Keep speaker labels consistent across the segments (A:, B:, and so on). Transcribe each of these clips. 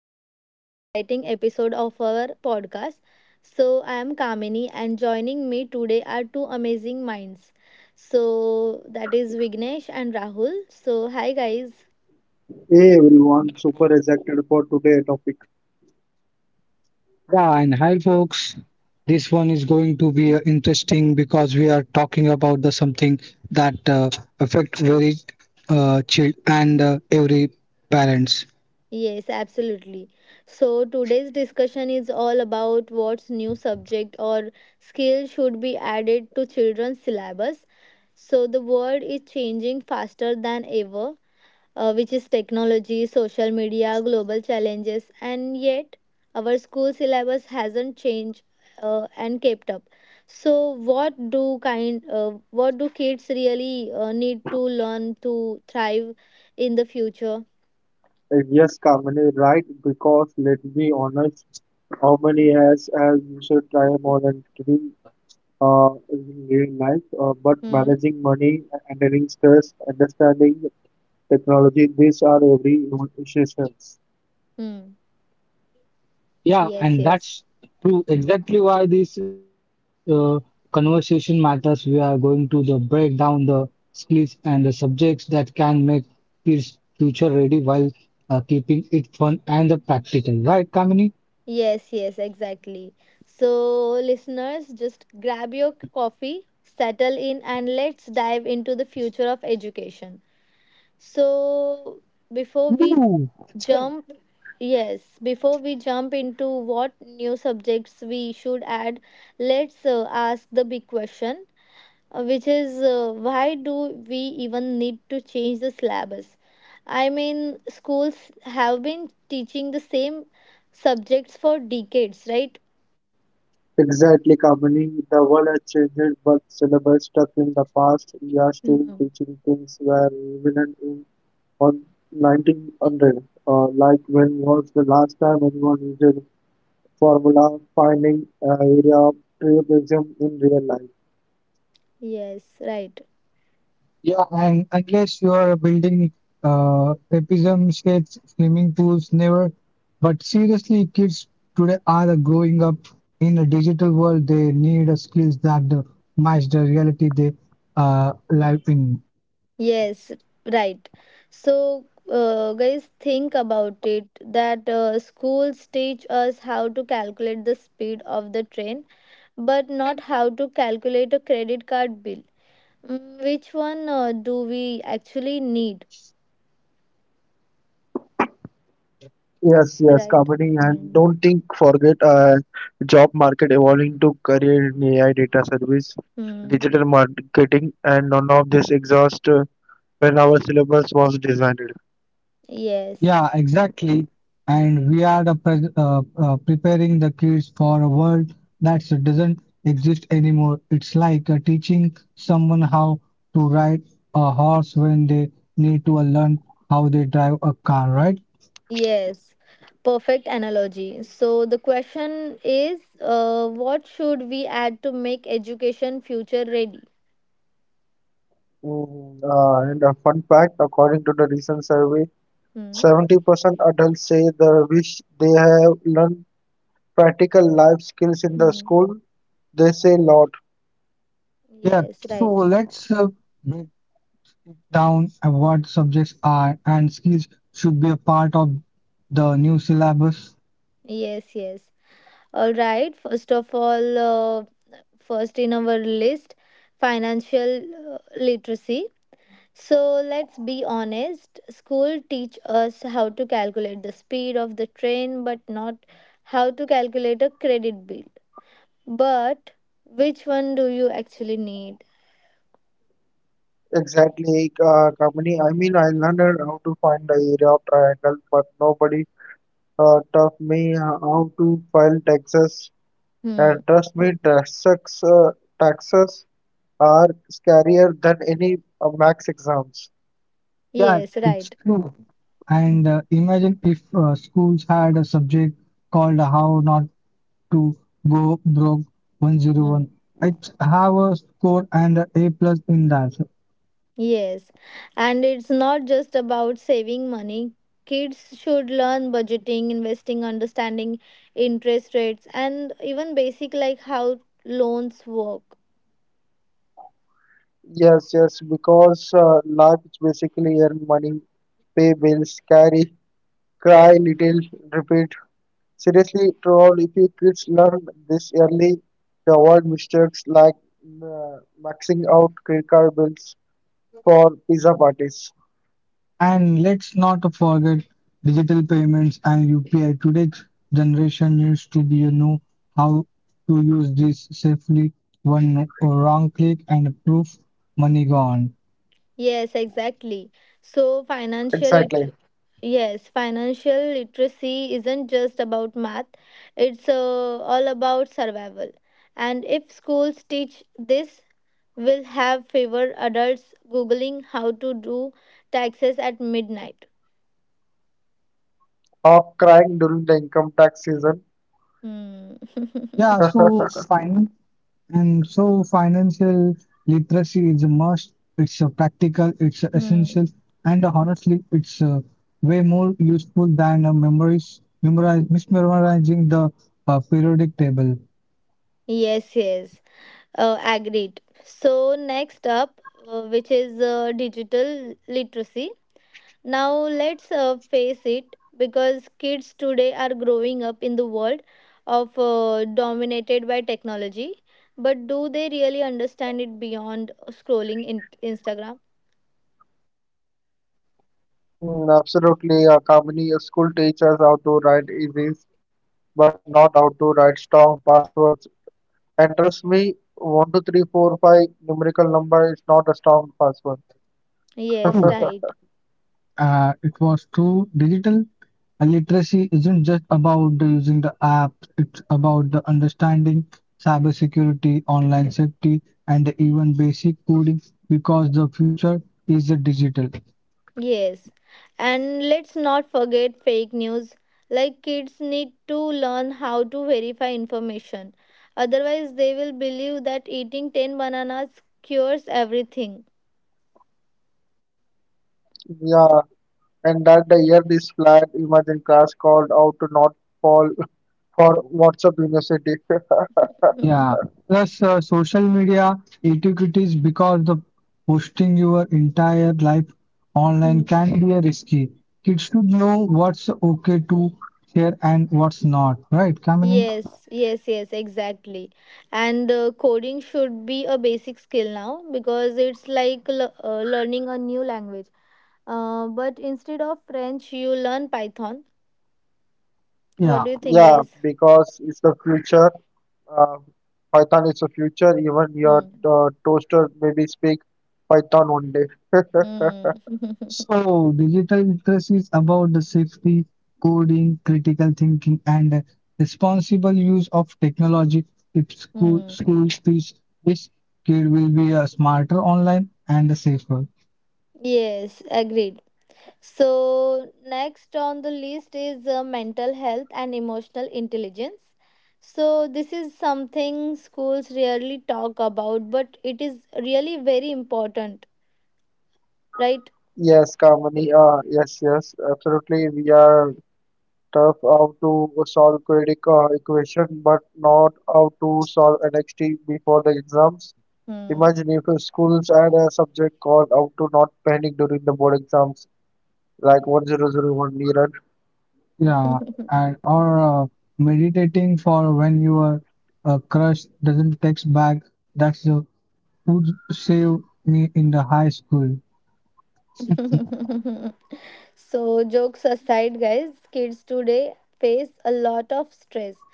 A: To another exciting episode of our podcast. So, I am Kamini, and joining me today are two amazing minds. So, that is Vignesh and Rahul. So, hi, guys.
B: Hey everyone, super excited for today's topic.
C: Yeah, and hi folks. This one is going to be interesting because we are talking about the something that affect very child and every parents.
A: Yes, absolutely. So, today's discussion is all about what's new subject or skill should be added to children's syllabus. So, the world is changing faster than ever, which is technology, social media, global challenges, and yet our school syllabus hasn't changed and kept up. So, what do kids really need to learn to thrive in the future?
B: Yes, Kamini, right? Because let me honest, how many has as you should try more than three in real life, but
A: Hmm.
B: managing money, handling stress, understanding technology, these are every issues.
A: Hmm.
C: Yeah, and that's
A: Yes.
C: true.
A: Yes.
C: Exactly why this conversation matters. We are going to the break down the skills and the subjects that can make kids future ready while keeping it fun and the practical. Right, Kamini?
A: Yes, yes, exactly. So, listeners, just grab your coffee, settle in, and let's dive into the future of education. So, before we jump Yes, before we jump into what new subjects we should add, let's ask the big question, which is why do we even need to change the syllabus? I mean, schools have been teaching the same subjects for decades, right?
B: Exactly, Kamini. The world has changed, but syllabus stuck in the past. We are still
A: Mm.
B: teaching things where relevant on 1900. Like when was the last time anyone used formula finding area of tribalism in real life?
A: Yes, right.
C: Yeah, and unless you are building trapezium shapes, swimming pools, never. But seriously, kids today are growing up in a digital world. They need a skills that match the reality they live in.
A: Yes, right. So, guys, think about it that schools teach us how to calculate the speed of the train, but not how to calculate a credit card bill. Mm, which one do we actually need,
B: Yes, yes, comedy and don't think forget
A: right? Mm.
B: job market evolving to career in AI data service, digital marketing,
A: Mm.
B: and none of this exhaust when our syllabus was designed.
C: Yeah,
A: Yes,
C: exactly. And we are the preparing the kids for a world that doesn't exist anymore. It's like teaching someone how to ride a horse when they need to learn how they drive a car, right?
A: yes. Perfect analogy. So, the question is, what should we add to make education future ready?
B: And a fun fact, according to the recent survey,
A: Hmm.
B: 70% adults say they wish they have learned practical life skills in the
A: Hmm.
B: school. They say a lot.
C: Yeah,
A: Yes,
C: so
A: right.
C: let's break down what subjects are and skills should be a part of the new syllabus.
A: Yes, yes. All right. First in our list, financial literacy. So let's be honest. School teach us how to calculate the speed of the train, but not how to calculate a credit bill. But which one do you actually need?
B: Exactly, company. I mean, I learned how to find the area of triangle, but nobody taught me how to file taxes.
A: Hmm.
B: And trust me, taxes are scarier than any max exams.
C: Yeah,
A: Yes,
C: it's
A: right.
C: true.
A: Hmm.
C: And imagine if schools had a subject called How Not to Go Broke
A: Hmm.
C: 101. It's would have a score and a A plus in that.
A: Yes, and it's not just about saving money. Kids should learn budgeting, investing, understanding interest rates, and even basic like how loans work.
B: Yes, yes, because life is basically earn money, pay carry, cry little, repeat. Seriously, troll, if your kids learn this early, they avoid mistakes like uh, maxing out credit card bills for pizza parties.
C: And let's not forget digital payments and UPI. Today's generation needs to be know how to use this safely. One wrong click and proof money gone.
A: Yes, exactly. So
B: Exactly.
A: financial it Yes, financial literacy isn't just about math. It's all about survival. And if schools teach this, we'll have fewer adults googling how to do taxes at midnight.
B: Or crying during the income tax season.
A: Hmm.
C: Yeah, so fine. And so financial literacy is a must. It's a practical, it's a essential,
A: Hmm.
C: and honestly, it's way more useful than mismemorizing the periodic table.
A: Yes, yes. Agreed. So next up, which is digital literacy. Now let's face it, because kids today are growing up in the world of, dominated by technology. But do they really understand it beyond scrolling in Instagram?
B: Mm, absolutely, a company a school teaches how to write easy, but not how to write strong passwords. And trust me, 1 2 3 4 5 numerical number is not a strong password.
A: Yes, right.
C: It was through digital literacy isn't just about the using the apps, it's about the understanding cybersecurity, online safety, and even basic coding because the future is the digital.
A: Yes, and let's not forget fake news. Like, kids need to learn how to verify information. Otherwise, they will believe that eating 10 bananas cures everything.
B: Yeah, and that the year this flat emerging class called out to not fall for WhatsApp University.
C: Yeah. Plus, social media etiquettes because the posting your entire life online can
A: Mm.
C: be a risky. Kids should know what's okay to share and what's not, right, Kamini?
A: Yes, yes, yes, exactly. And coding should be a basic skill now because it's like learning a new language. But instead of French, you learn Python. What
C: Yeah.
A: do you think,
B: Yeah,
A: guys?
B: because it's the future. Uh, Python is the future. Even your
A: Mm.
B: toaster maybe speak Python one day.
A: Mm.
C: So, digital literacy is about the safety, coding, critical thinking, and responsible use of technology. If
A: Hmm.
C: schools teach this, kid will be a smarter online and safer.
A: Yes, agreed. So, next on the list is mental health and emotional intelligence. So, this is something schools rarely talk about, but it is really very important, right?
B: Yes, Kamini. Yes, yes, absolutely. We are tough how to solve quadratic equation, but not how to solve NXT
A: Hmm.
B: before the exams. Imagine if your schools had a subject called How to Not Panic During the Board Exams, like
C: Yeah,
B: 1001 Niran.
C: and or meditating for when your crush doesn't text back. That's the would save me in the high school.
A: So, jokes aside, guys, kids today face a lot of stress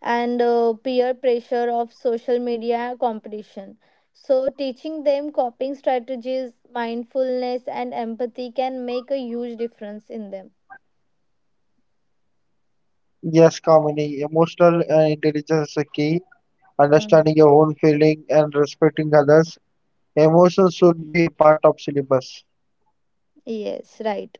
A: and peer pressure of social media competition. So, teaching them coping strategies, mindfulness, and empathy can make a huge difference in them.
B: Yes, Kamini, emotional and intelligence is the key. Understanding
A: Hmm.
B: your own feeling and respecting others. Emotions should be a part of syllabus.
A: Yes, right.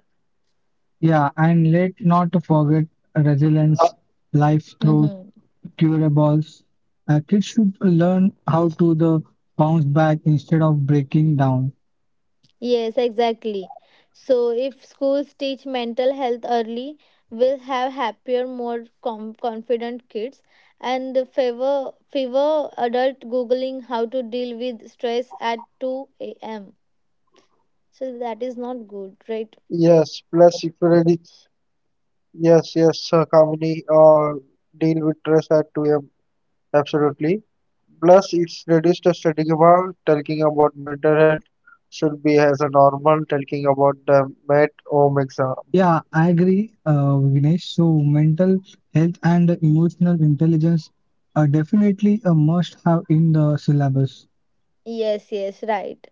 C: Yeah, and let not forget resilience. Life throws
A: Mm-hmm.
C: durables. Kids should learn how to the bounce back instead of breaking down.
A: Yes, exactly. So, if schools teach mental health early, we'll have happier, confident kids, and the favor adult googling how to deal with stress at 2 a.m. So that is not good, right?
B: Yes, plus if you really, yes, yes, Kamini, deal with stress at 2 a.m. Absolutely. Plus, it's reduced the studying talking about mental health should be as a normal talking about the met home exam.
C: Yeah, I agree, Vignesh. So mental health and emotional intelligence are definitely a must-have in the syllabus.
A: Yes, yes, right.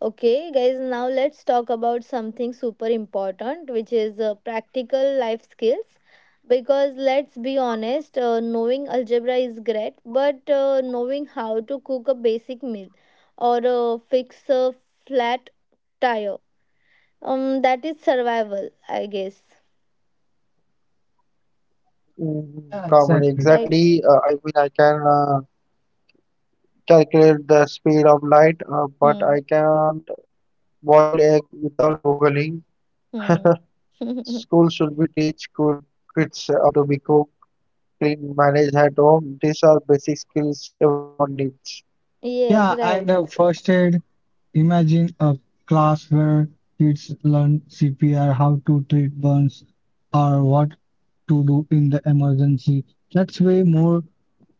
A: Okay, guys, now let's talk about something super important, which is practical life skills. Because let's be honest, knowing algebra is great, but knowing how to cook a basic meal or fix a flat tire, that is survival, I guess,
B: Mm,
C: Yeah,
B: Common,
C: exactly.
A: right?
B: exactly. I mean, I can calculate the speed of light, but
A: Hmm.
B: I can't boil egg without googling.
A: Hmm.
B: School should be teach good kids how to be cook, clean, manage at home. These are basic skills everyone needs.
A: Yes,
C: Yeah, and
A: right.
C: first aid. Imagine a class where kids learn CPR, how to treat burns, or what to do in the emergency. That's way more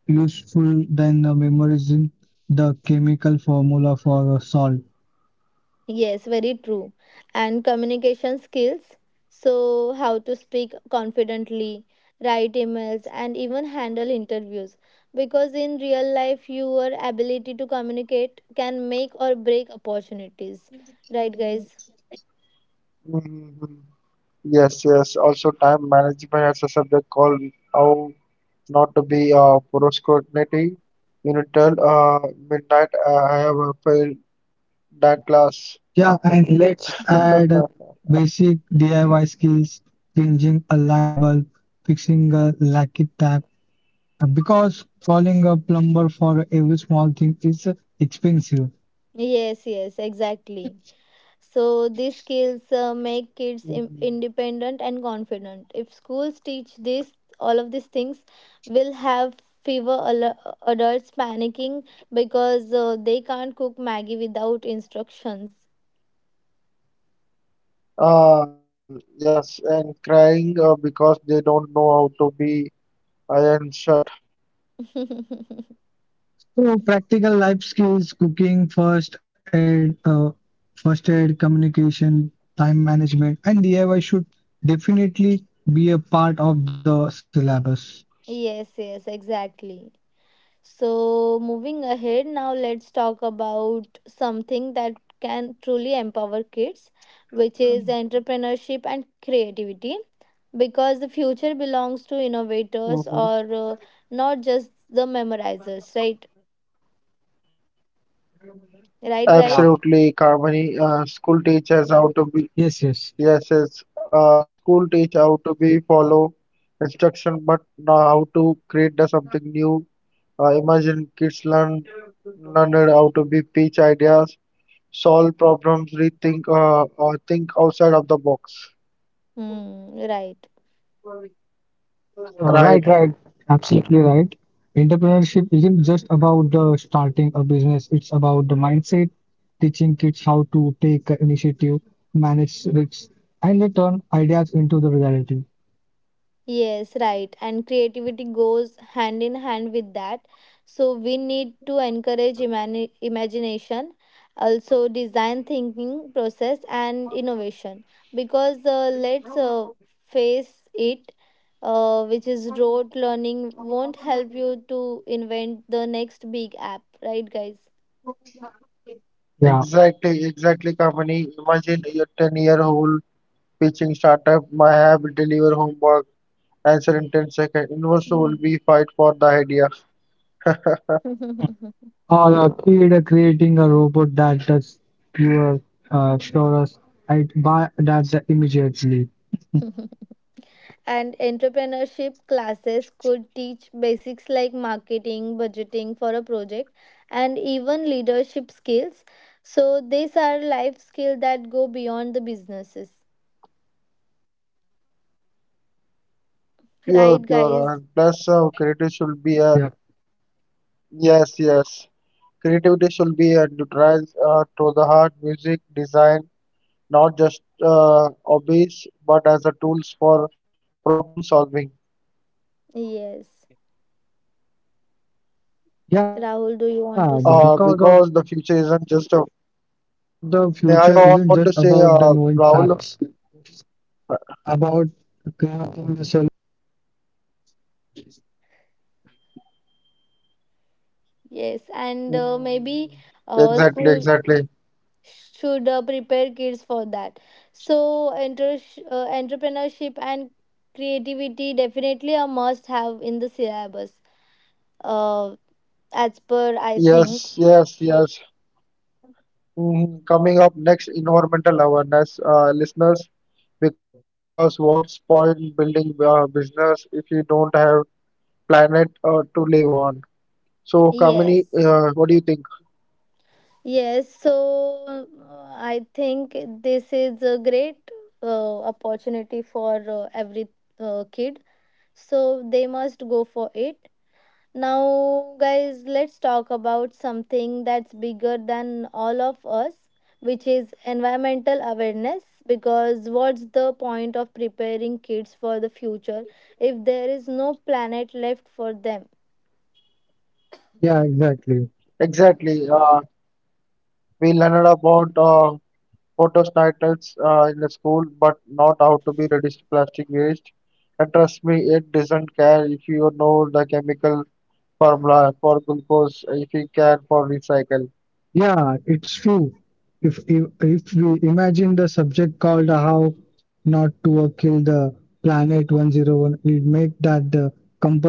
C: useful than memorizing the chemical formula for a salt.
A: Yes, very true. And communication skills. So, how to speak confidently, write emails, and even handle interviews. Because in real life, your ability to communicate can make or break opportunities. Right, guys?
B: Mhm. Yes, yes. Also, time management has a subject called How Not to Be Procrastinating. You know, tell midnight I have failed that class.
C: Yeah, and let's add basic DIY skills, changing a light bulb, fixing a leaky tap, because calling a plumber for every small thing is expensive.
A: Yes, yes, exactly. So these skills make kids
B: Mhm.
A: independent and confident. If schools teach this, all of these things will have fewer adults panicking because they can't cook Maggie without instructions.
B: Uh, yes, and crying because they don't know how to be iron shut.
C: So practical life skills, cooking, first aid, communication, time management, and DIY should definitely be a part of the syllabus.
A: Yes, yes, exactly. So, moving ahead, now let's talk about something that can truly empower kids, which is entrepreneurship and creativity. Because the future belongs to innovators,
B: Hmm.
A: or not just the memorizers, right? Right, guys?
B: Absolutely, Kamini. School teaches how to
C: Yes,
B: be,
C: yes.
B: yes, yes. School teach how to be follow instruction, but now how to create the something new. Imagine kids learned how to be pitch ideas, solve problems, rethink, think outside of the box.
A: Hmm,
C: Right,
A: right.
C: right. Absolutely right.
B: Right.
C: Entrepreneurship isn't just about starting a business, it's about the mindset, teaching kids how to take initiative, manage risks, and then turn ideas into the reality.
A: Yes, right. And creativity goes hand in hand with that. So we need to encourage imagination, also design thinking process and innovation. Because let's face it, which is rote learning won't help you to invent the next big app, right, guys?
C: Yeah.
B: Exactly, exactly, Kamini. Imagine your 10-year-old pitching startup may have deliver homework, answer in 10 seconds. Investors
A: Mhm.
B: will be fight for the idea.
C: Or a kid creating a robot that does your chores. I buy that immediately.
A: And entrepreneurship classes could teach basics like marketing, budgeting for a project, and even leadership skills. So these are life skills that go beyond the businesses.
B: Pure,
A: Right,
B: pure.
A: guys?
B: And plus,
C: Yeah.
B: creative should be a yes, yes. Creativity should be a neutralized to the heart, music, design, not just hobbies, but as a tools for problem solving.
C: Yeah, because
A: Yes.
C: of the future isn't just about the knowing facts.
A: Rahul, do you want to say?
B: Because the future
C: About
B: isn't just a.
C: crafting the solution and
B: I want to say, Rahul.
A: Yes, and maybe
B: Mm, exactly,
A: school
B: exactly.
A: should prepare kids for that. So, entrepreneurship and creativity, definitely a must have in the syllabus, Uh, as per I think.
B: Yes, yes, yes. Mhm. Coming up next, environmental awareness, listeners, because what's point building business if you don't have planet to live on? So, Kamini, what do you
A: Yes,
B: think?
A: yes. So I think this is a great opportunity for every kid. So they must go for it. Now, guys, let's talk about something that's bigger than all of us, which is environmental awareness. Because what's the point of preparing kids for the future if there is no planet left for them?
C: yeah, exactly.
B: Exactly. We learned about photosynthesis in the school, but not how to be reduce plastic waste. And trust me, it doesn't care if you know the chemical formula for glucose, if you care for recycle.
C: Yeah, it's true. If we imagine the subject called how not to kill the planet 10 one, we make that the compulsory.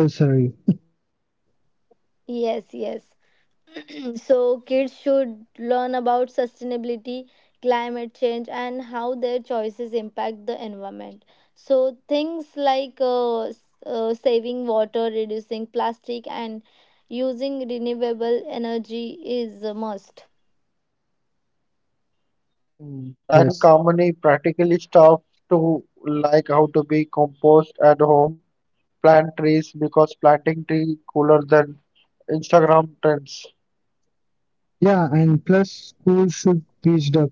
A: Yes, yes. So kids should learn about sustainability, climate change, and how their choices impact the environment. So things like saving water, reducing plastic, and using renewable energy is a must.
C: Mm, yes.
B: And company practically stuff to like how to be compost at home, plant trees because planting tree cooler than Instagram trends.
C: Yeah, and plus schools should teach the concept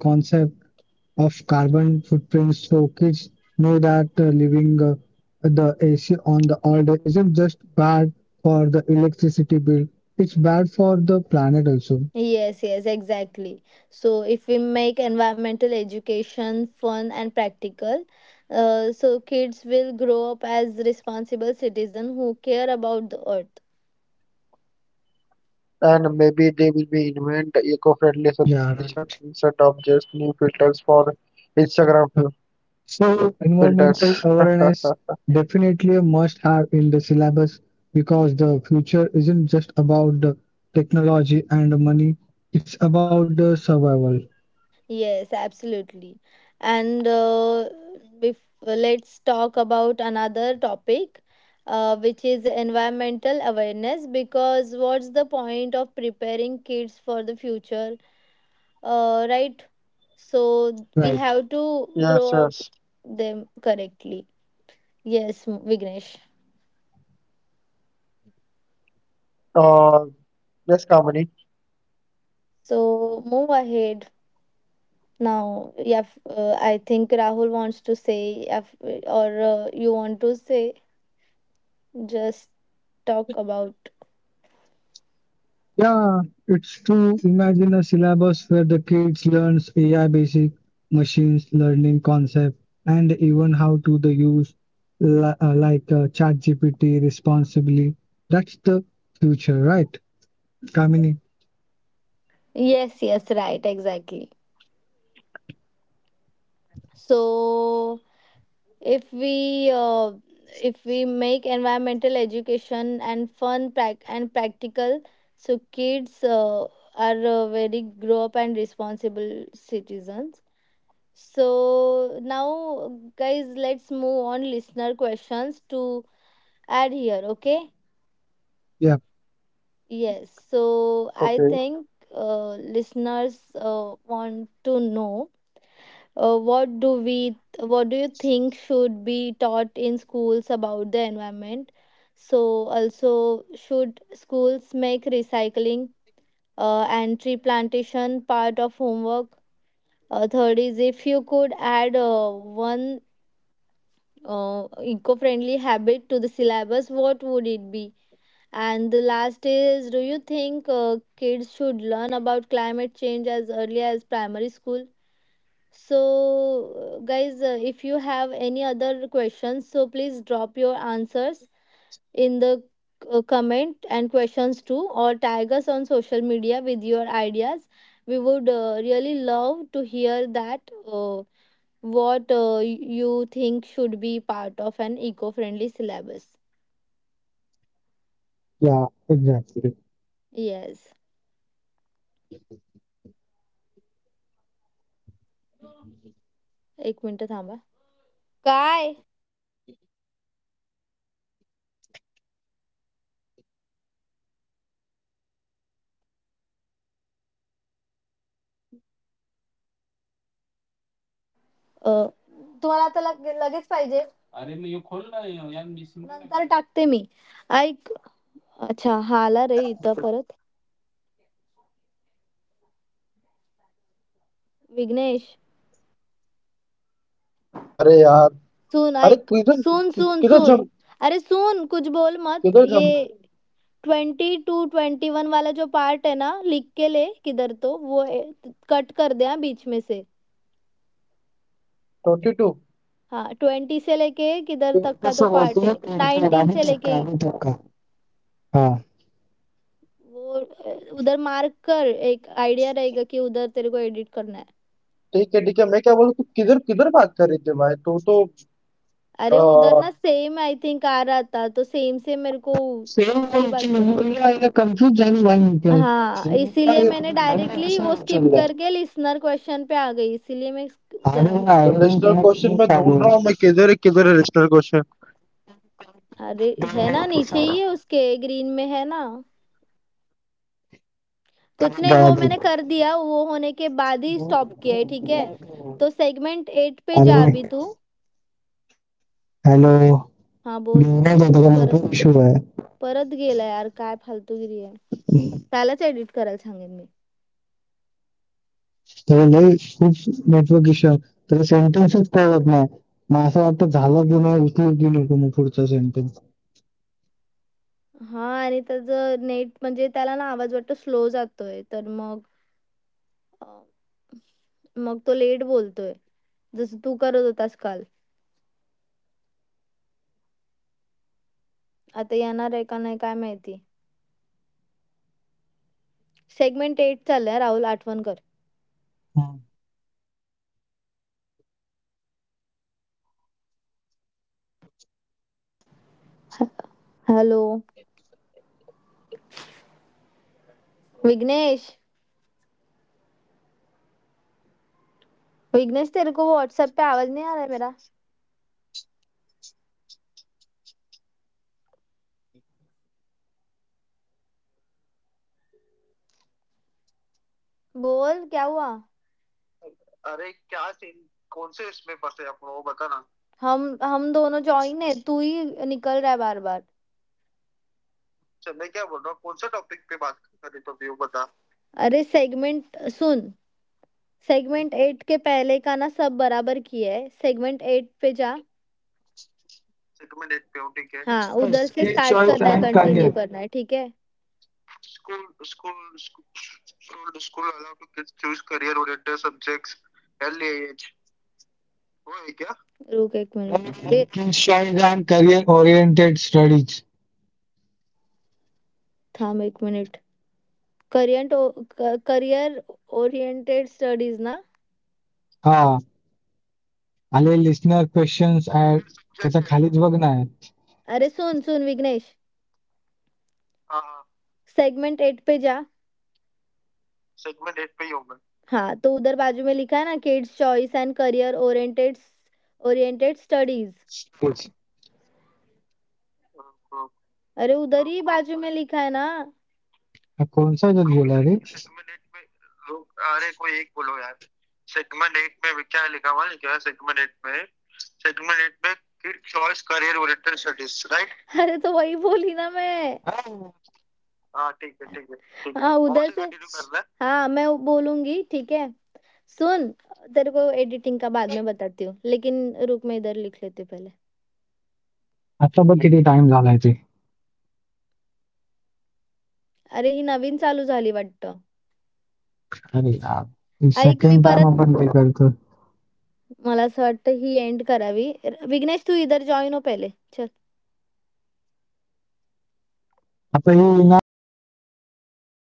C: of carbon footprints so kids know that living the AC on the all day isn't just bad for the electricity bill, it's bad for the planet also.
A: Yes, yes, exactly. So if we make environmental education fun and practical, so kids will grow up as responsible citizens who care about the earth.
C: Yeah, right.
B: And maybe they will be invent eco-friendly solution instead of just new filters for Instagram
C: So
B: filters.
C: environmental awareness definitely a must have in the syllabus because the future isn't just about the technology and the money, it's about the survival.
A: Yes, absolutely. And if let's talk about another topic, which is environmental awareness. Because what's the point of preparing kids for the future, right? So
C: Right.
A: we have to
B: Yes,
A: grow up
B: yes.
A: them correctly. Yes, Vignesh.
B: Uh, yes, company.
A: So move ahead now. Yeah, I think Rahul wants to say, yeah, f- or you want to say, just talk about.
C: Yeah, it's to imagine a syllabus where the kids learns AI basic machines learning concept and even how to the use like ChatGPT responsibly. That's the future, right, Kamini?
A: Yes, yes, right, exactly. So if we uh, if we make environmental education and fun prac- and practical, so kids are very grow up and responsible citizens. So now, guys, let's move on listener questions to add here. Okay?
C: Yeah.
A: Yes.
B: Okay.
A: So I think listeners want to know, what do you think should be taught in schools about the environment? So also, should schools make recycling and tree plantation part of homework? Third is, if you could add one eco-friendly habit to the syllabus, what would it be? And the last is, do you think kids should learn about climate change as early as primary school? So, guys, if you have any other questions, so please drop your answers in the comment and questions too, or tag us on social media with your ideas. We would really love to hear that uh, what you think should be part of an eco-friendly syllabus.
C: Yeah, exactly.
A: Yes, एक minute थांबा. काय तुम्हाला आता लगेच पाहिजे? अरे मी खोल ना हे, यार, मी simple नंतर टाकते. मी ऐक. अच्छा, हा आला रे इथं परत. विघ्नेश,
B: अरे यार!
A: सून
B: अरे
A: ऐक.
B: क्विज़ में
A: सून. अरे सून, कुछ बोल मत. ये 22-21 वाला जो पार्ट है ना, लिख के ले किधर तो वो कट कर दे, हाँ, बीच में से. हाँ, 20 से लेके किधर तक का तो पार्ट है. 19 से लेके
C: हाँ
A: वो उधर मार्क कर. एक आइडिया रहेगा कि उधर तेरे को एडिट करना है. अरे उधर ना सेम आई थिंक आ रहा था, तो सेम से मेरे को
C: same
A: नहीं बात
C: question.
A: कर रही थी.
C: Yeah, I confused and one plan.
A: हाँ, इसीलिए
C: आगे
A: मैंने डायरेक्टली वो स्किप करके लिसनर क्वेश्चन पे आ गई, इसीलिए मैं इस उधर आ
C: ना
A: गई।
C: आगे दिन तुम्हें चालू
A: अरे! है ना, नीचे ही है उसके ग्रीन में है ना। कुछ नहीं, वो
C: है.
A: मैंने कर दिया, वो होने के बाद ही स्टॉप किया है, ठीक है? तो सेगमेंट 8
C: अरे
A: पे जा अभी तू.
C: हॅलो नाही,
A: हां, बोल.
C: नेटवर्क इश्यू आहे.
A: परत परत गेला यार, काय फालतूगिरी आहे. त्यालाच एडिट करायला सांगेन मी.
C: त्याला लय खूप नेटवर्क इश्यू आहे, त्याला सेंटेन्सच कळत नाही, मग असं वाटतं झालं की नाही उचलू की नको मग पुढचा सेंटेन्स.
A: हां, आणि त्याचं नेट म्हणजे त्याला ना आवाज वाटतो स्लो जातोय, तर मग अ, मग तो लेट बोलतोय. जसं तू करत होतास काल. आता येणार आहे का नाही काय माहिती? सेगमेंट 8 चाललाय, राहुल आठवण कर. हेलो विघ्नेश. विघ्नेश, तेरे को व्हाट्सएप पे आवाज नहीं आ रहा है मेरा? बोल, क्या हुआ? हम दोनों जॉइन है, तू ही निकल रहा है बार बार. अरे सेगमेंट सुन. सेगमेंट एट के पहले का ना सब बराबर किया है, सेगमेंट एट पे जा. सेगमेंट एट पे हूँ, ठीक है? हाँ,
C: It's a
A: उधर से
C: skill
A: स्टार्ट
C: choice
A: करना है,
C: and
A: कंटिन्यू
C: career.
A: करना है, ठीक है. रुक एक मिनट ए,
C: Stories and career-oriented studies.
A: थाम एक minute. Career career oriented studies ना.
C: हा आणि लिस्नर questions and त्याच्या खालीच बघ ना.
A: अरे सुन सुन विघ्नेश, सेगमेंट एट पे जा. हाँ, तो उधर बाजू में लिखा है ना, kids choice and career oriented studies.
C: Stories.
A: अरे उधर ही बाजू में लिखा है ना।
C: हा कोणचा जर गेला रे.
A: अरे तो वही बोली ना मैं। ठीक है, हाँ, उधर और से, हाँ, मैं वो बोलूँगी, ठीक है। सुन, तेरे को एडिटिंग का बाद में बताती हूँ, लेकिन रुक, मैं इधर लिख लेते पहिले.
C: आता बघ किती टाइम झालाय ते.
A: अरे ही नवीन चालू झाली वाटतं.
C: अरे
A: ऐक मी
C: सेकंड टाइम
A: परत,
C: आपण ते करतो.
A: मला असं वाटतं ही एंड करावी. विघ्नेश तू इधर जॉइन हो पहिले. चल
C: आता हे नाही परत रिपीट घ्यायचं.
A: थांब.